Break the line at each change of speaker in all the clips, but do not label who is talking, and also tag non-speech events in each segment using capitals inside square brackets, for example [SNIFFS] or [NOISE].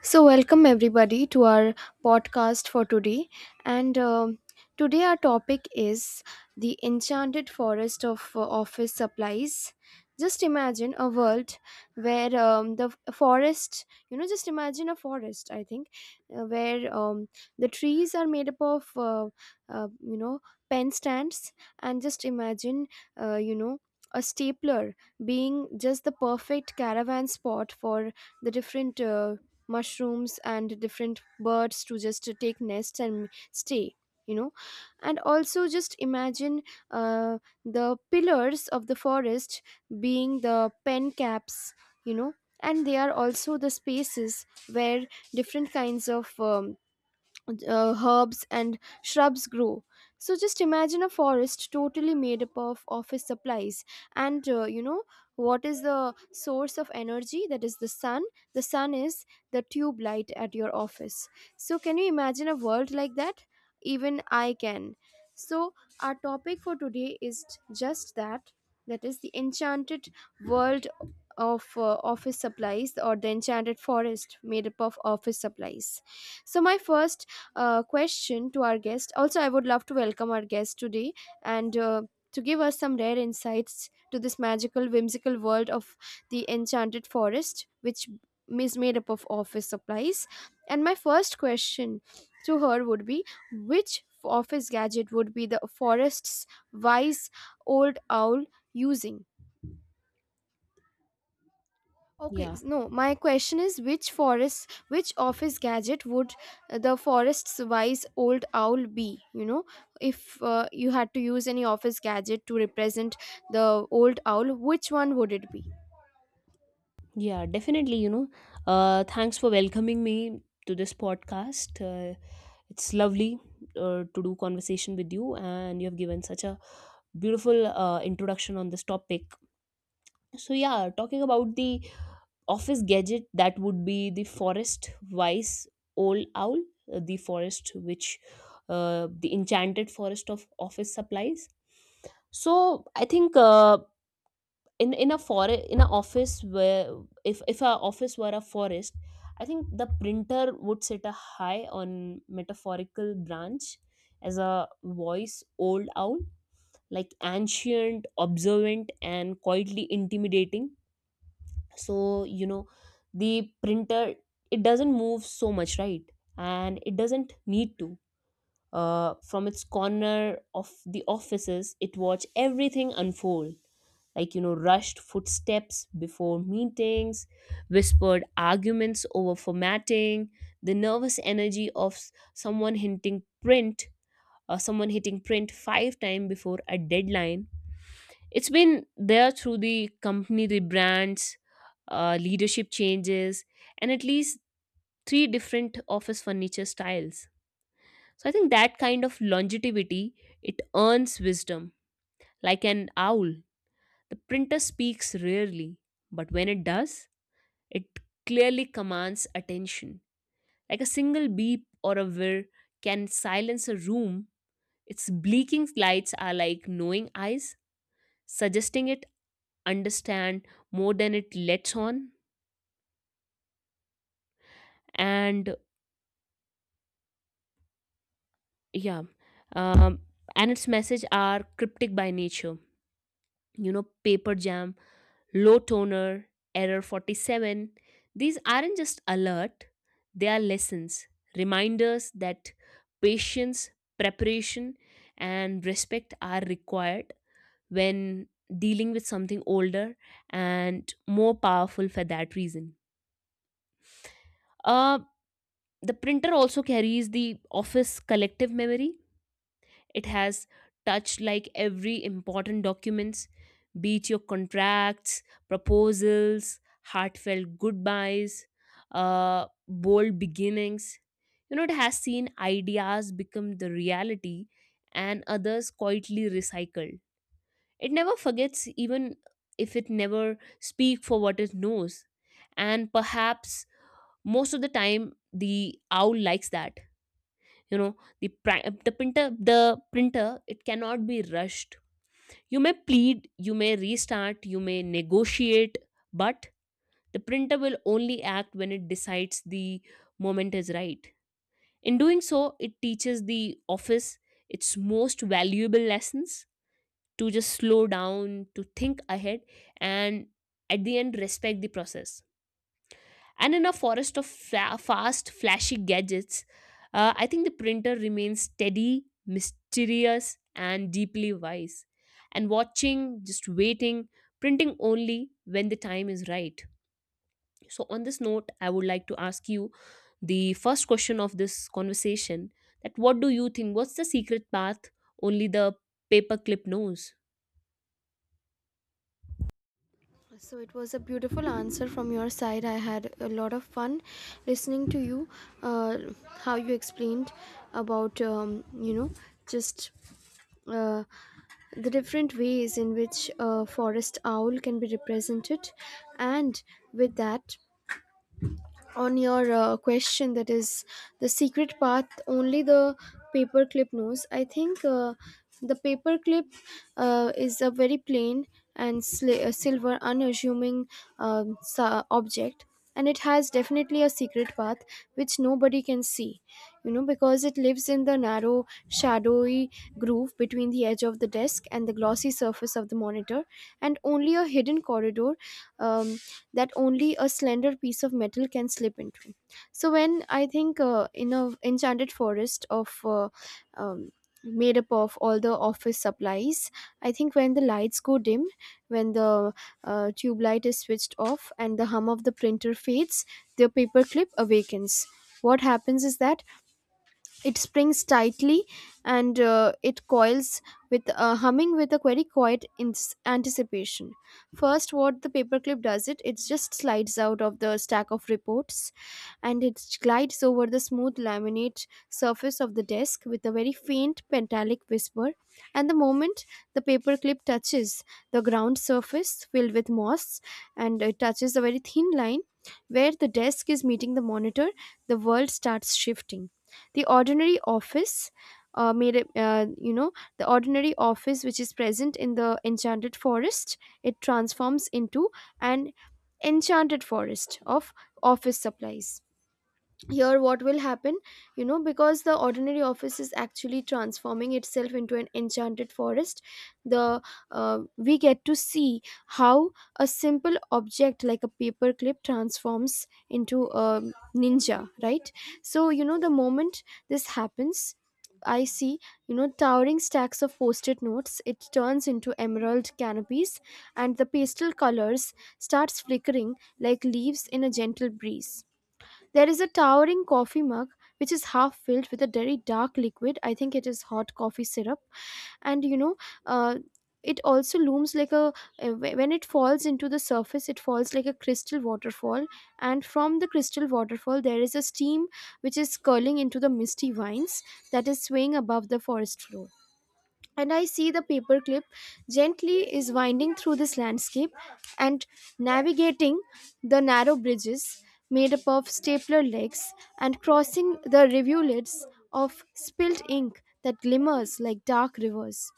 So, welcome everybody to our podcast for today. And today, our topic is the enchanted forest of office supplies. Just imagine a world where forest, just imagine a forest, I think, where the trees are made up of, uh, you know, pen stands. And just imagine, uh, you know, a stapler being just the perfect caravan spot for the different mushrooms and different birds to just to take nests and stay, you know and also just imagine uh, the pillars of the forest being the pen caps, you know and they are also the spaces where different kinds of herbs and shrubs grow. So just imagine a forest totally made up of office supplies. And what is the source of energy? That is the sun. The sun is the tube light at your office. So can you imagine a world like that? Even I can. So our topic for today is just that. That is the enchanted world of office supplies, or the enchanted forest made up of office supplies. So my first question to our guest. Also, I would love to welcome our guest today and to give us some rare insights to this magical, whimsical world of the enchanted forest, which is made up of office supplies. And my first question to her would be, which office gadget would be the forest's wise old owl using? Okay,
Yeah,
no, my question is which forest, which office gadget would the forest's wise old owl be? If you had to use any office gadget to represent the old owl, which one would it be?
yeah, definitely. You know, thanks for welcoming me to this podcast. It's lovely to do conversation with you, and you have given such a beautiful introduction on this topic. So, yeah, talking about the office gadget, that would be the forest wise old owl, the forest which the enchanted forest of office supplies. So, I think in a forest in an office where if our office were a forest, I think the printer would sit a high on metaphorical branch as a voice old owl, like ancient, observant, and quietly intimidating. So, you know, the printer, it doesn't move so much, right? And it doesn't need to. From its corner of the offices, it watched everything unfold, like, you know, rushed footsteps before meetings, whispered arguments over formatting, the nervous energy of someone hinting print or someone hitting print five times before a deadline. It's been there through the company rebrands, leadership changes, and at least three different office furniture styles. So I think that kind of longevity, it earns wisdom like an owl. The printer speaks rarely, but when it does, it clearly commands attention. Like a single beep or a whir can silence a room. Its blinking lights are like knowing eyes, suggesting it understand more than it lets on. And yeah, um, and its message are cryptic by nature. You know, paper jam, low toner, error 47. These aren't just alert, they are lessons, reminders that patience, preparation, and respect are required when dealing with something older and more powerful for that reason. Uh, the printer also carries the office collective memory. It has touched like every important documents, be it your contracts, proposals, heartfelt goodbyes, bold beginnings. You know, it has seen ideas become the reality and others quietly recycled. It never forgets, even if it never speak for what it knows. And perhaps most of the time, the owl likes that. You know, the the printer, it cannot be rushed. You may plead, you may restart, you may negotiate, but the printer will only act when it decides the moment is right. In doing so, it teaches the office its most valuable lessons, to just slow down, to think ahead, and at the end respect the process. And in a forest of fast, flashy gadgets, I think the printer remains steady, mysterious, and deeply wise. And watching, just waiting, printing only when the time is right. So, on this note, I would like to ask you the first question of this conversation: that what do you think? What's the secret path only the paperclip knows?
So it was a beautiful answer from your side. I had a lot of fun listening to you, uh, how you explained about, you know, just. Uh, the different ways in which a forest owl can be represented, and with that, on your question, that is the secret path only the paperclip knows. I think the paperclip is a very plain and silver unassuming object, and it has definitely a secret path which nobody can see, you know, because it lives in the narrow shadowy groove between the edge of the desk and the glossy surface of the monitor, and only a hidden corridor, um, that only a slender piece of metal can slip into. So when I think, in a enchanted forest of um, made up of all the office supplies, I think when the lights go dim, when the tube light is switched off and the hum of the printer fades, the paperclip awakens. What happens is that it springs tightly and it coils with humming with a very quiet anticipation. First, what the paperclip does it, it just slides out of the stack of reports and it glides over the smooth laminate surface of the desk with a very faint metallic whisper. And the moment the paperclip touches the ground surface filled with moss and it touches a very thin line where the desk is meeting the monitor, the world starts shifting. The ordinary office, made a- you know the ordinary office which is present in the enchanted forest, it transforms into an enchanted forest of office supplies. Here what will happen, you know, because the ordinary office is actually transforming itself into an enchanted forest, the uh, we get to see how a simple object like a paperclip transforms into a ninja, right? So you know the moment this happens, I see, you know, towering stacks of post-it notes. It turns into emerald canopies, and the pastel colors starts flickering like leaves in a gentle breeze. There is a towering coffee mug which is half filled with a very dark liquid. I think it is hot coffee syrup. And you know, uh, it also looms like a when it falls into the surface it falls like a crystal waterfall, and from the crystal waterfall there is a steam which is curling into the misty vines that is swaying above the forest floor. And I see the paperclip gently is winding through this landscape and navigating the narrow bridges made up of stapler legs, and crossing the rivulets of spilled ink that glimmers like dark rivers.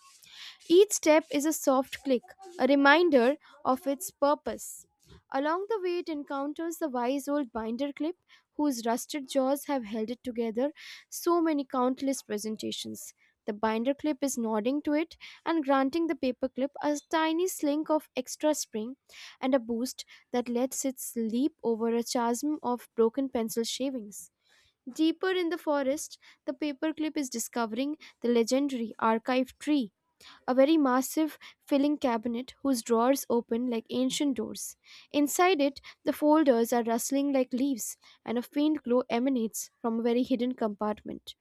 Each step is a soft click, a reminder of its purpose. Along the way, it encounters the wise old binder clip, whose rusted jaws have held it together so many countless presentations. The binder clip is nodding to it and granting the paperclip a tiny slink of extra spring and a boost that lets it leap over a chasm of broken pencil shavings. Deeper in the forest, the paperclip is discovering the legendary archive tree, a very massive filling cabinet whose drawers open like ancient doors. Inside it, the folders are rustling like leaves, and a faint glow emanates from a very hidden compartment.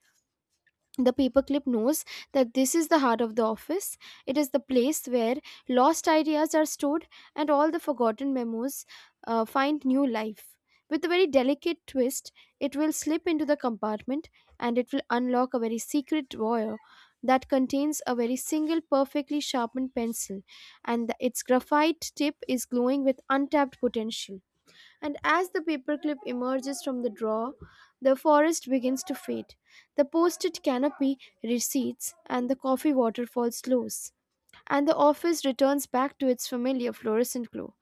The paperclip knows that this is the heart of the office. It is the place where lost ideas are stored and all the forgotten memos find new life. With a very delicate twist, it will slip into the compartment and it will unlock a very secret drawer that contains a very single perfectly sharpened pencil, and its graphite tip is glowing with untapped potential. And as the paperclip emerges from the drawer, the forest begins to fade. The post it canopy recedes, and the coffee waterfall slows, and the office returns back to its familiar fluorescent glow.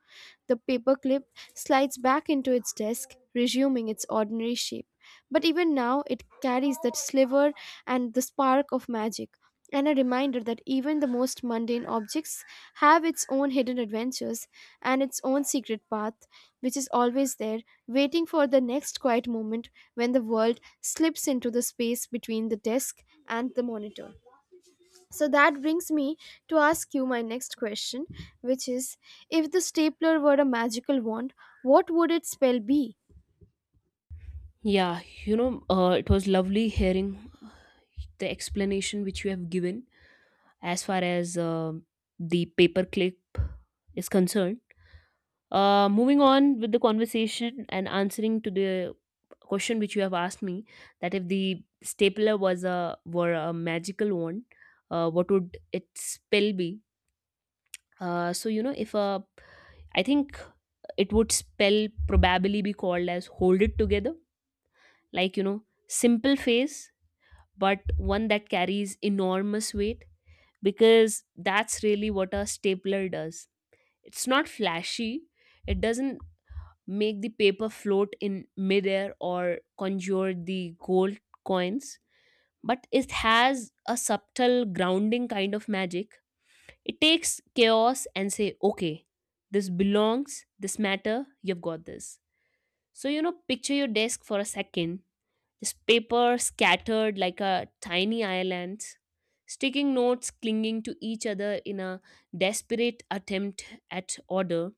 The paperclip slides back into its desk, resuming its ordinary shape. But even now, it carries that sliver and the spark of magic, and a reminder that even the most mundane objects have its own hidden adventures and its own secret path, which is always there, waiting for the next quiet moment when the world slips into the space between the desk and the monitor. So that brings me to ask you my next question, which is if the stapler were a magical wand, what would its spell be?
Yeah, you know, it was lovely hearing the explanation which you have given as far as the paperclip is concerned. Moving on with the conversation and answering to the question which you have asked me, that if the stapler was a were a magical wand, what would its spell be? So you know, if a, I think it would spell probably be called as hold it together, like, you know, simple face, but one that carries enormous weight, because that's really what a stapler does. It's not flashy, it doesn't make the paper float in midair or conjure the gold coins, but it has a subtle grounding kind of magic. It takes chaos and say, okay, this belongs, this matter, you've got this. So, you know, picture your desk for a second, this paper scattered like a tiny island, sticking notes clinging to each other in a desperate attempt at order.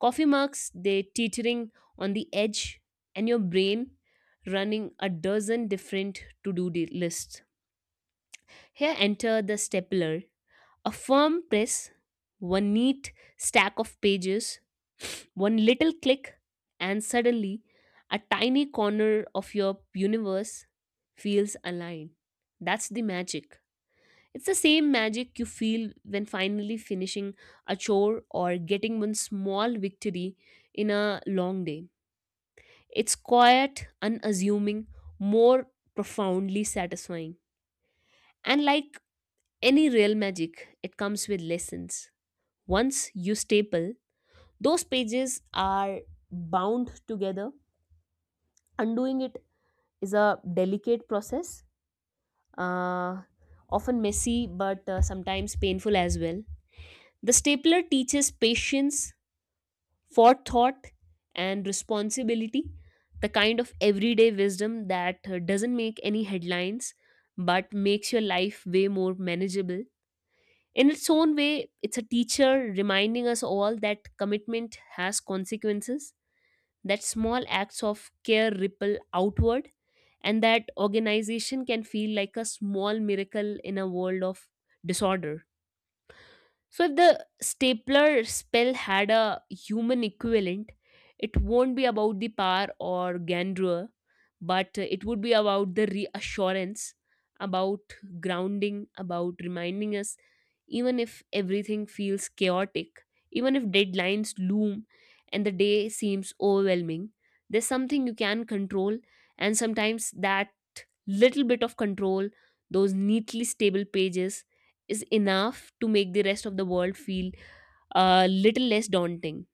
Coffee mugs, they teetering on the edge, and your brain running a dozen different to do lists. Here enter the stapler, a firm press, one neat stack of pages, one little click, and suddenly a tiny corner of your universe feels aligned. That's the magic. It's the same magic you feel when finally finishing a chore or getting one small victory in a long day. It's quiet, unassuming, more profoundly satisfying. And like any real magic, it comes with lessons. Once you staple, those pages are bound together. Undoing it is a delicate process, uh, often messy but sometimes painful as well. The stapler teaches patience, forethought, and responsibility, the kind of everyday wisdom that doesn't make any headlines but makes your life way more manageable. In its own way, it's a teacher, reminding us all that commitment has consequences, that small acts of care ripple outward, and that organization can feel like a small miracle in a world of disorder. So if the stapler spell had a human equivalent, it won't be about the power or grandeur, but it would be about the reassurance, about grounding, about reminding us, even if everything feels chaotic, even if deadlines loom and the day seems overwhelming, there's something you can control, and sometimes that little bit of control, those neatly stable pages, is enough to make the rest of the world feel a little less daunting.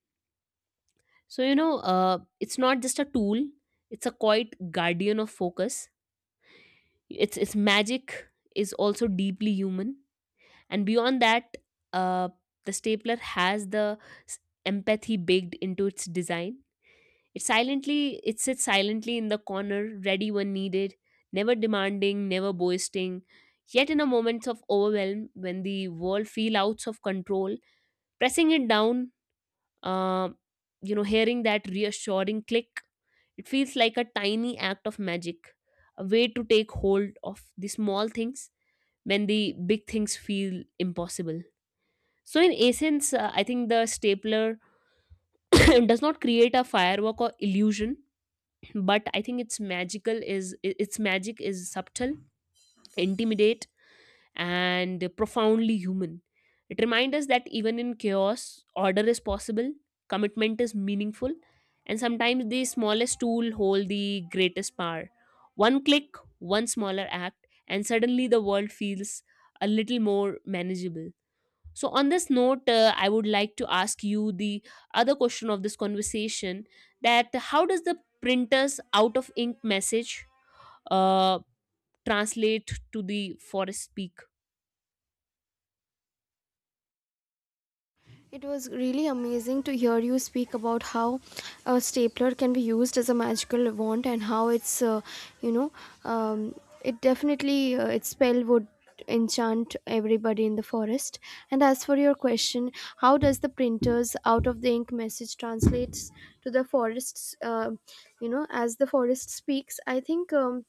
So, you know, it's not just a tool, it's a quiet guardian of focus. Its magic is also deeply human. And beyond that, uh, the stapler has the s- empathy baked into its design. It sits silently in the corner, ready when needed, never demanding, never boasting. Yet in a moments of overwhelm, when the world feels out of control, pressing it down, uh, you know, hearing that reassuring click, it feels like a tiny act of magic, a way to take hold of the small things when the big things feel impossible. So, in essence, I think the stapler [COUGHS] [CLEARS THROAT] does not create a firework or illusion, but I think its magic is subtle, intimidate, and profoundly human. It reminds us that even in chaos, order is possible, commitment is meaningful, and sometimes the smallest tool hold the greatest power. One click, one smaller act, and suddenly the world feels a little more manageable. So, on this note, I would like to ask you the other question of this conversation: that how does the printer's out of ink message uh, translate to the forest speak?
It was really amazing to hear you speak about how a stapler can be used as a magical wand and how you know, um, it definitely, its spell would enchant everybody in the forest. And as for your question, how does the printer's out of the ink message translates to the forest's, as the forest speaks? I think.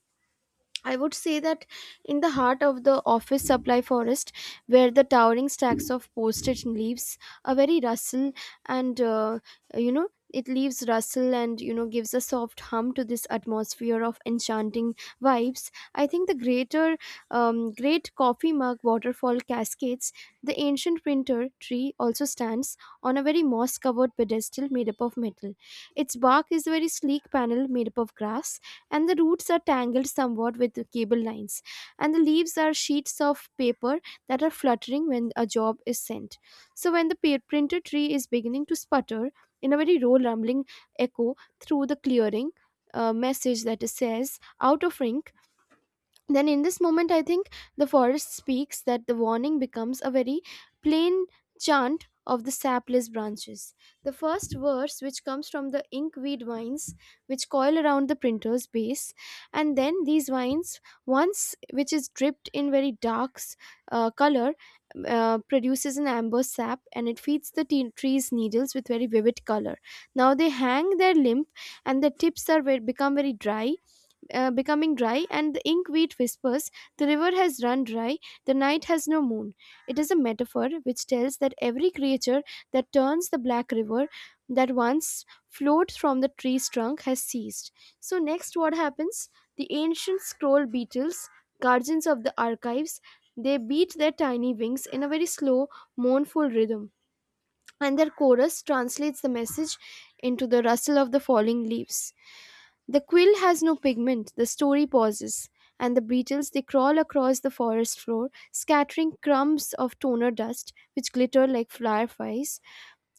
I would say that in the heart of the office supply forest, where the towering stacks of postage leaves a very rustle and, it leaves rustle and, you know, gives a soft hum to this atmosphere of enchanting vibes. I think the greater, great coffee mug waterfall cascades, the ancient printer tree also stands on a very moss covered pedestal made up of metal. Its bark is a very sleek panel made up of grass, and the roots are tangled somewhat with the cable lines, and the leaves are sheets of paper that are fluttering when a job is sent. So, when the printer tree is beginning to sputter in a very low, rumbling echo through the clearing, a message that says, out of ink, then in this moment I think the forest speaks, that the warning becomes a very plain chant of the sapless branches. The first verse which comes from the inkweed vines which coil around the printer's base, and then these vines, once which is dripped in very dark color, produces an amber sap and it feeds the teen tree's needles with very vivid color. Now they hang their limp, and the tips are become very dry, becoming dry, and the ink wheat whispers, the river has run dry, the night has no moon. It is a metaphor which tells that every creature that turns the black river that once flowed from the tree's trunk has ceased. So, next, what happens? The ancient scroll beetles, guardians of the archives, they beat their tiny wings in a very slow, mournful rhythm, and their chorus translates the message into the rustle of the falling leaves. The quill has no pigment, the story pauses, and the beetles they crawl across the forest floor, scattering crumbs of toner dust which glitter like fireflies,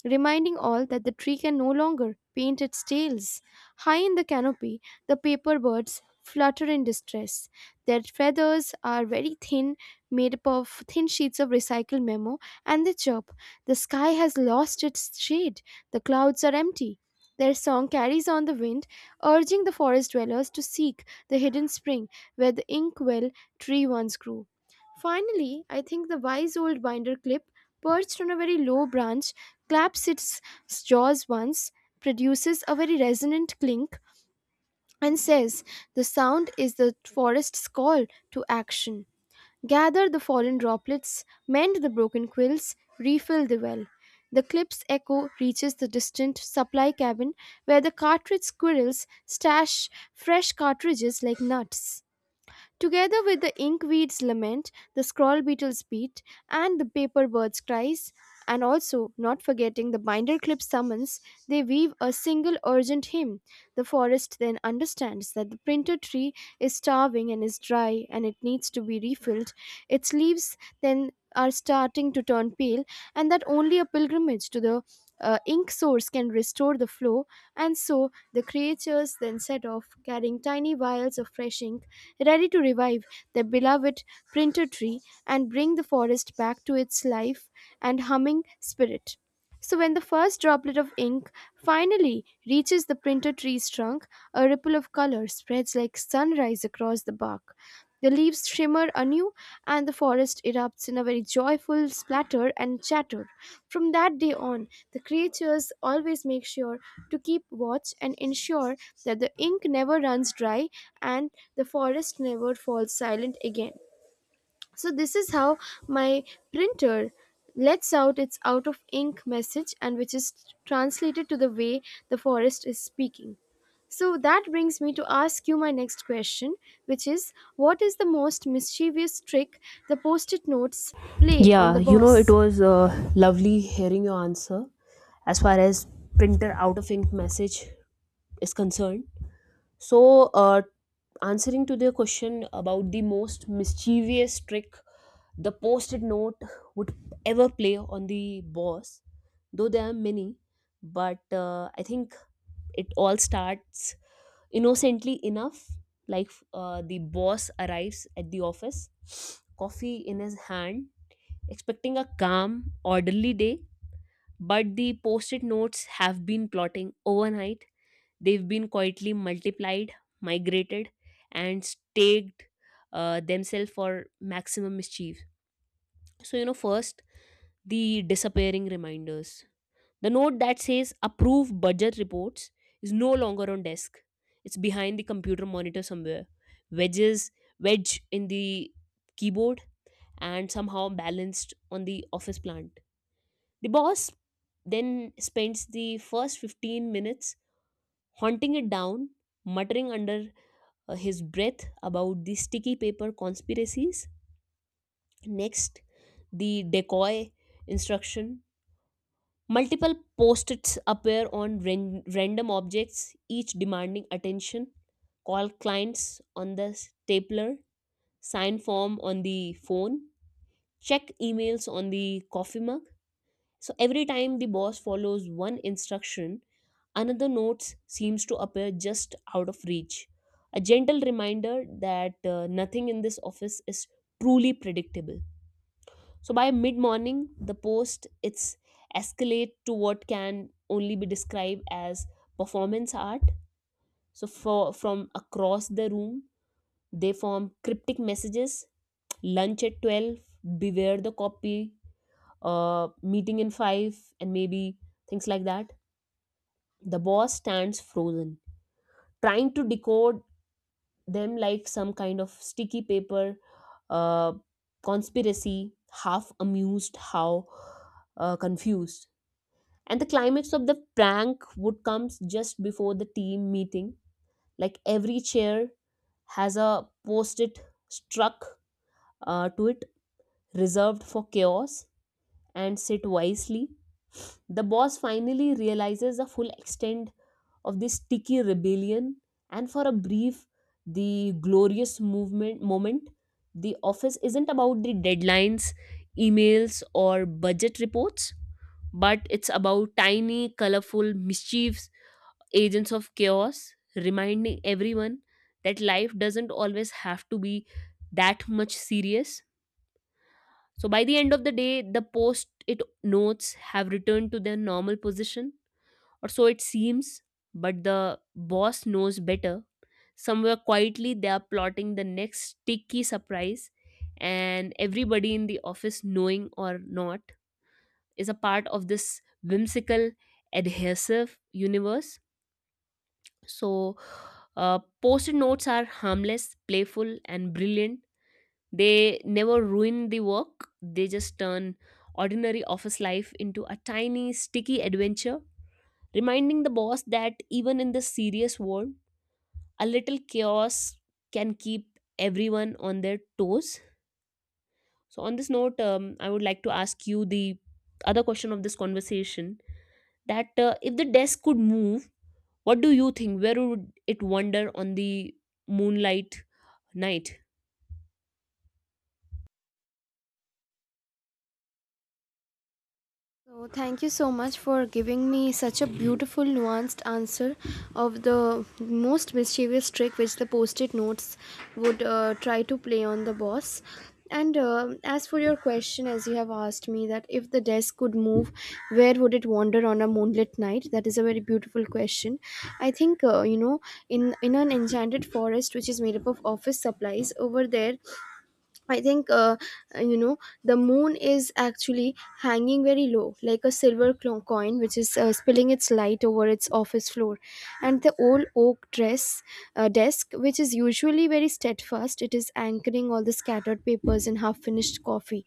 reminding all that the tree can no longer paint its tails. High in the canopy, the paper birds flutter in distress. Their feathers are very thin, made up of thin sheets of recycled memo, and they chirp. The sky has lost its shade, the clouds are empty. Their song carries on the wind, urging the forest dwellers to seek the hidden spring where the inkwell tree once grew. Finally, I think the wise old binder clip perched on a very low branch, claps its jaws once, produces a very resonant clink, and says, the sound is the forest's call to action. Gather the fallen droplets, mend the broken quills, refill the well. The clip's echo reaches the distant supply cabin where the cartridge squirrels stash fresh cartridges like nuts. Together with the inkweed's lament, the scroll beetle's beat, and the paper bird's cries, and also, not forgetting the binder clip's summons, they weave a single urgent hymn. The forest then understands that the printer tree is starving and is dry and it needs to be refilled. Its leaves then are starting to turn pale, and that only a pilgrimage to the ink source can restore the flow. And so the creatures then set off, carrying tiny vials of fresh ink, ready to revive their beloved printer tree and bring the forest back to its life and humming spirit. So, when the first droplet of ink finally reaches the printer tree's trunk, a ripple of color spreads like sunrise across the bark. The leaves shimmer anew, and the forest erupts in a very joyful splatter and chatter. From that day on, the creatures always make sure to keep watch and ensure that the ink never runs dry and the forest never falls silent again. So this is how my printer lets out its out of ink message and which is translated to the way the forest is speaking. So that brings me to ask you my next question, which is what is the most mischievous trick the post it notes play on
Yeah,
the
you know, it
boss?
was lovely hearing your answer as far as printer out of ink message is concerned. So, answering to the question about the most mischievous trick the post it note would ever play on the boss, though there are many, but I think it all starts innocently enough. Like the boss arrives at the office, [SNIFFS] coffee in his hand, expecting a calm, orderly day. But the post it notes have been plotting overnight. They've been quietly multiplied, migrated, and staked themselves for maximum mischief. So, you know, first, the disappearing reminders. The note that says approve budget reports is no longer on desk, it's behind the computer monitor somewhere. Wedges, wedge in the keyboard, and somehow balanced on the office plant. The boss then spends the first 15 minutes haunting it down, muttering under his breath about the sticky paper conspiracies. Next, the decoy instruction. Multiple post its appear on random objects, each demanding attention. Call clients on the stapler, sign form on the phone, check emails on the coffee mug. So every time the boss follows one instruction, another note seems to appear just out of reach. A gentle reminder that nothing in this office is truly predictable. So by mid morning, the post it's escalate to what can only be described as performance art. So for from across the room, they form cryptic messages. Lunch at 12. Beware the copy. Meeting in five, and maybe things like that. The boss stands frozen, trying to decode them like some kind of sticky paper uh, conspiracy, half amused, how confused. And the climax of the prank would come just before the team meeting. Like every chair has a post it struck to it, reserved for chaos, and sit wisely. The boss finally realizes the full extent of this sticky rebellion, and for a brief, the glorious movement moment, the office isn't about the deadlines, emails, or budget reports, but it's about tiny colorful mischiefs, agents of chaos, reminding everyone that life doesn't always have to be that much serious. So by the end of the day, the post it notes have returned to their normal position, or so it seems, but the boss knows better. Somewhere quietly, they are plotting the next sticky surprise, and everybody in the office, knowing or not, is a part of this whimsical, adhesive universe. So, post it notes are harmless, playful, and brilliant. They never ruin the work, they just turn ordinary office life into a tiny, sticky adventure, reminding the boss that even in this serious world, a little chaos can keep everyone on their toes. So, on this note, I would like to ask you the other question of this conversation: that if the desk could move, what do you think? Where would it wander on the moonlight night?
So thank you so much for giving me such a beautiful nuanced answer of the most mischievous trick which the post-it notes would try to play on the boss. And as for your question, as you have asked me that if the desk could move, where would it wander on a moonlit night? That is a very beautiful question. I think in an enchanted forest which is made up of office supplies. Over there, I think, uh, you know, the moon is actually hanging very low, like a silver coin, which is spilling its light over its office floor. And the old oak dress desk, which is usually very steadfast, it is anchoring all the scattered papers and half-finished coffee.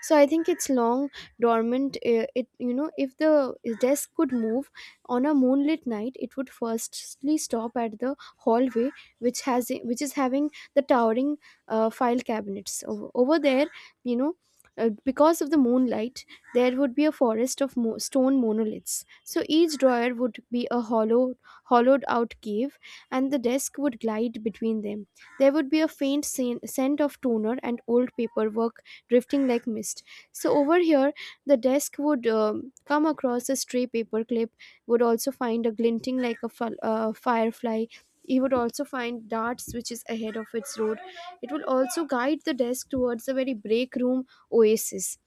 So I think it's long dormant. If the desk could move on a moonlit night, it would firstly stop at the hallway, which is having the towering file cabinets. Over there, you know, because of the moonlight, there would be a forest of stone monoliths. So each drawer would be a hollowed out cave, and the desk would glide between them. There would be a faint scent of toner and old paperwork drifting like mist. So over here, the desk would come across a stray paperclip, would also find a glinting like a firefly. He would also find darts, which is ahead of its road. It will also guide the desk towards the very break room oasis.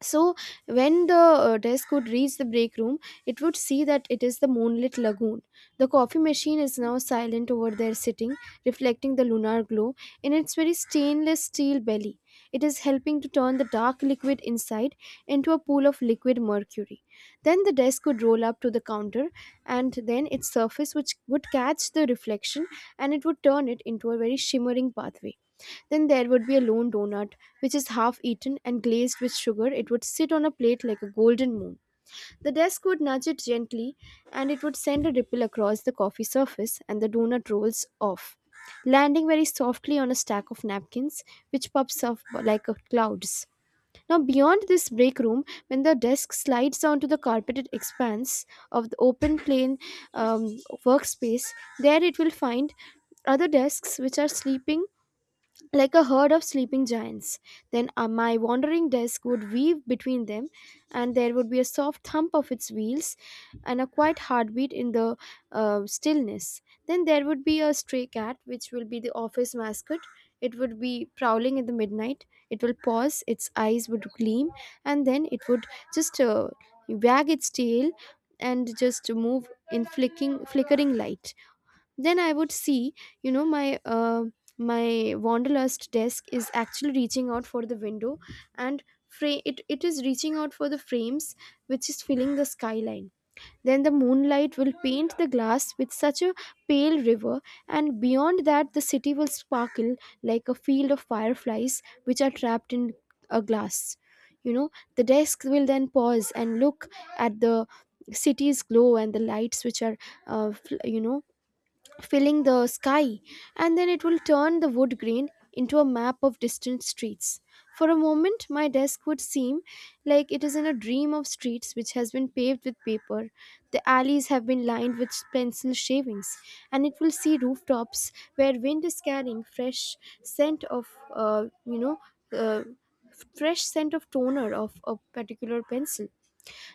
So, when the desk would reach the break room, it would see that it is the moonlit lagoon. The coffee machine is now silent over there sitting, reflecting the lunar glow in its very stainless steel belly. It is helping to turn the dark liquid inside into a pool of liquid mercury. Then the desk would roll up to the counter, and then its surface, which would catch the reflection and it would turn it into a very shimmering pathway. Then there would be a lone donut, which is half eaten and glazed with sugar. It would sit on a plate like a golden moon. The desk would nudge it gently, and it would send a ripple across the coffee surface, and the donut rolls off, landing very softly on a stack of napkins, which pops up like a clouds. Now, beyond this break room, when the desk slides down to the carpeted expanse of the open plain um, workspace, there it will find other desks which are sleeping like a herd of sleeping giants. Then my wandering desk would weave between them, and there would be a soft thump of its wheels and a quiet heartbeat in the stillness. Then there would be a stray cat, which will be the office mascot. It would be prowling in the midnight. It will pause, its eyes would gleam, and then it would just wag its tail and just move in flickering light. Then I would see, you know my uh, my wanderlust desk is actually reaching out for the window, and it is reaching out for the frames which is filling the skyline. Then the moonlight will paint the glass with such a pale river, and beyond that the city will sparkle like a field of fireflies which are trapped in a glass you know the desk will then pause and look at the city's glow and the lights which are uh, fl- you know filling the sky, and then it will turn the wood grain into a map of distant streets. For a moment, my desk would seem like it is in a dream of streets which has been paved with paper. The alleys have been lined with pencil shavings, and it will see rooftops where wind is carrying scent of, uh, you know, uh, fresh scent of toner of a particular pencil.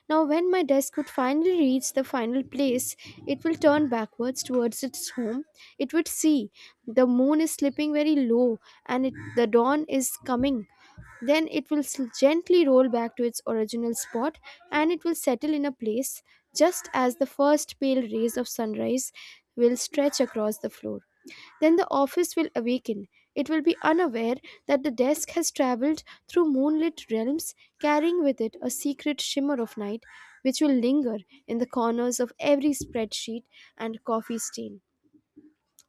Now, when my desk would finally reach the final place, it will turn backwards towards its home. It would see the moon is slipping very low and it, the dawn is coming. Then it will gently roll back to its original spot and it will settle in a place just as the first pale rays of sunrise will stretch across the floor. Then the office will awaken. It will be unaware that the desk has traveled through moonlit realms, carrying with it a secret shimmer of night, which will linger in the corners of every spreadsheet and coffee stain.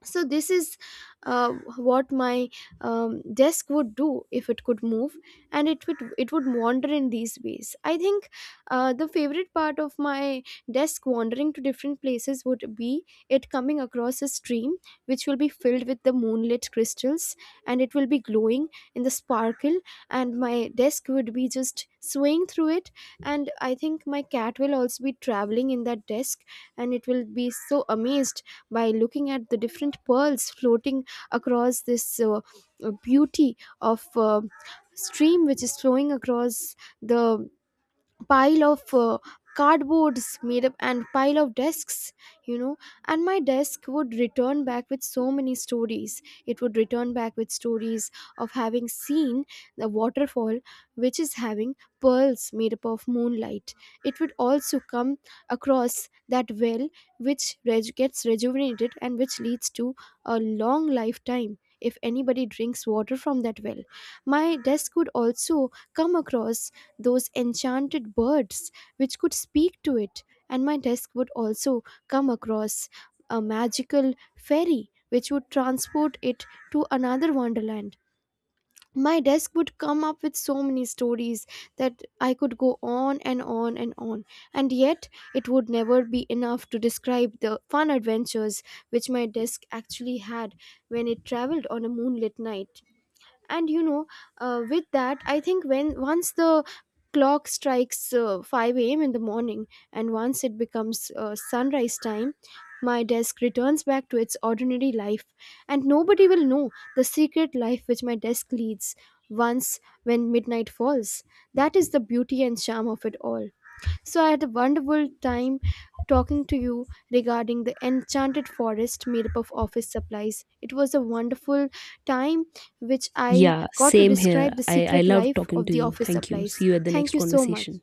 So this is uh, what my desk would do if it could move, and it would wander in these ways, I think. The favorite part of my desk wandering to different places would be it coming across a stream which will be filled with the moonlit crystals and it will be glowing in the sparkle, and my desk would be just swaying through it. And I think my cat will also be traveling in that desk, and it will be so amazed by looking at the different pearls floating across this beauty of stream which is flowing across the pile of cardboards made up and pile of desks you know and my desk would return back with so many stories. It would return back with stories of having seen the waterfall which is having pearls made up of moonlight. It would also come across that well which gets rejuvenated and which leads to a long lifetime if anybody drinks water from that well. My desk would also come across those enchanted birds which could speak to it, and my desk would also come across a magical fairy which would transport it to another wonderland. My desk would come up with so many stories that I could go on and on and on, and yet it would never be enough to describe the fun adventures which my desk actually had when it traveled on a moonlit night. And with that I think, when once the clock strikes 5 a.m. in the morning and once it becomes sunrise time, my desk returns back to its ordinary life, and nobody will know the secret life which my desk leads once when midnight falls. That is the beauty and charm of it all. So I had a wonderful time talking to you regarding the enchanted forest made up of office supplies. It was a wonderful time which I
Yeah,
got to
same
describe
here.
the
I
secret
love
life
talking
of
to
the
you.
office
Thank you.
supplies.
See you at the
Thank
next
you so much.
conversation.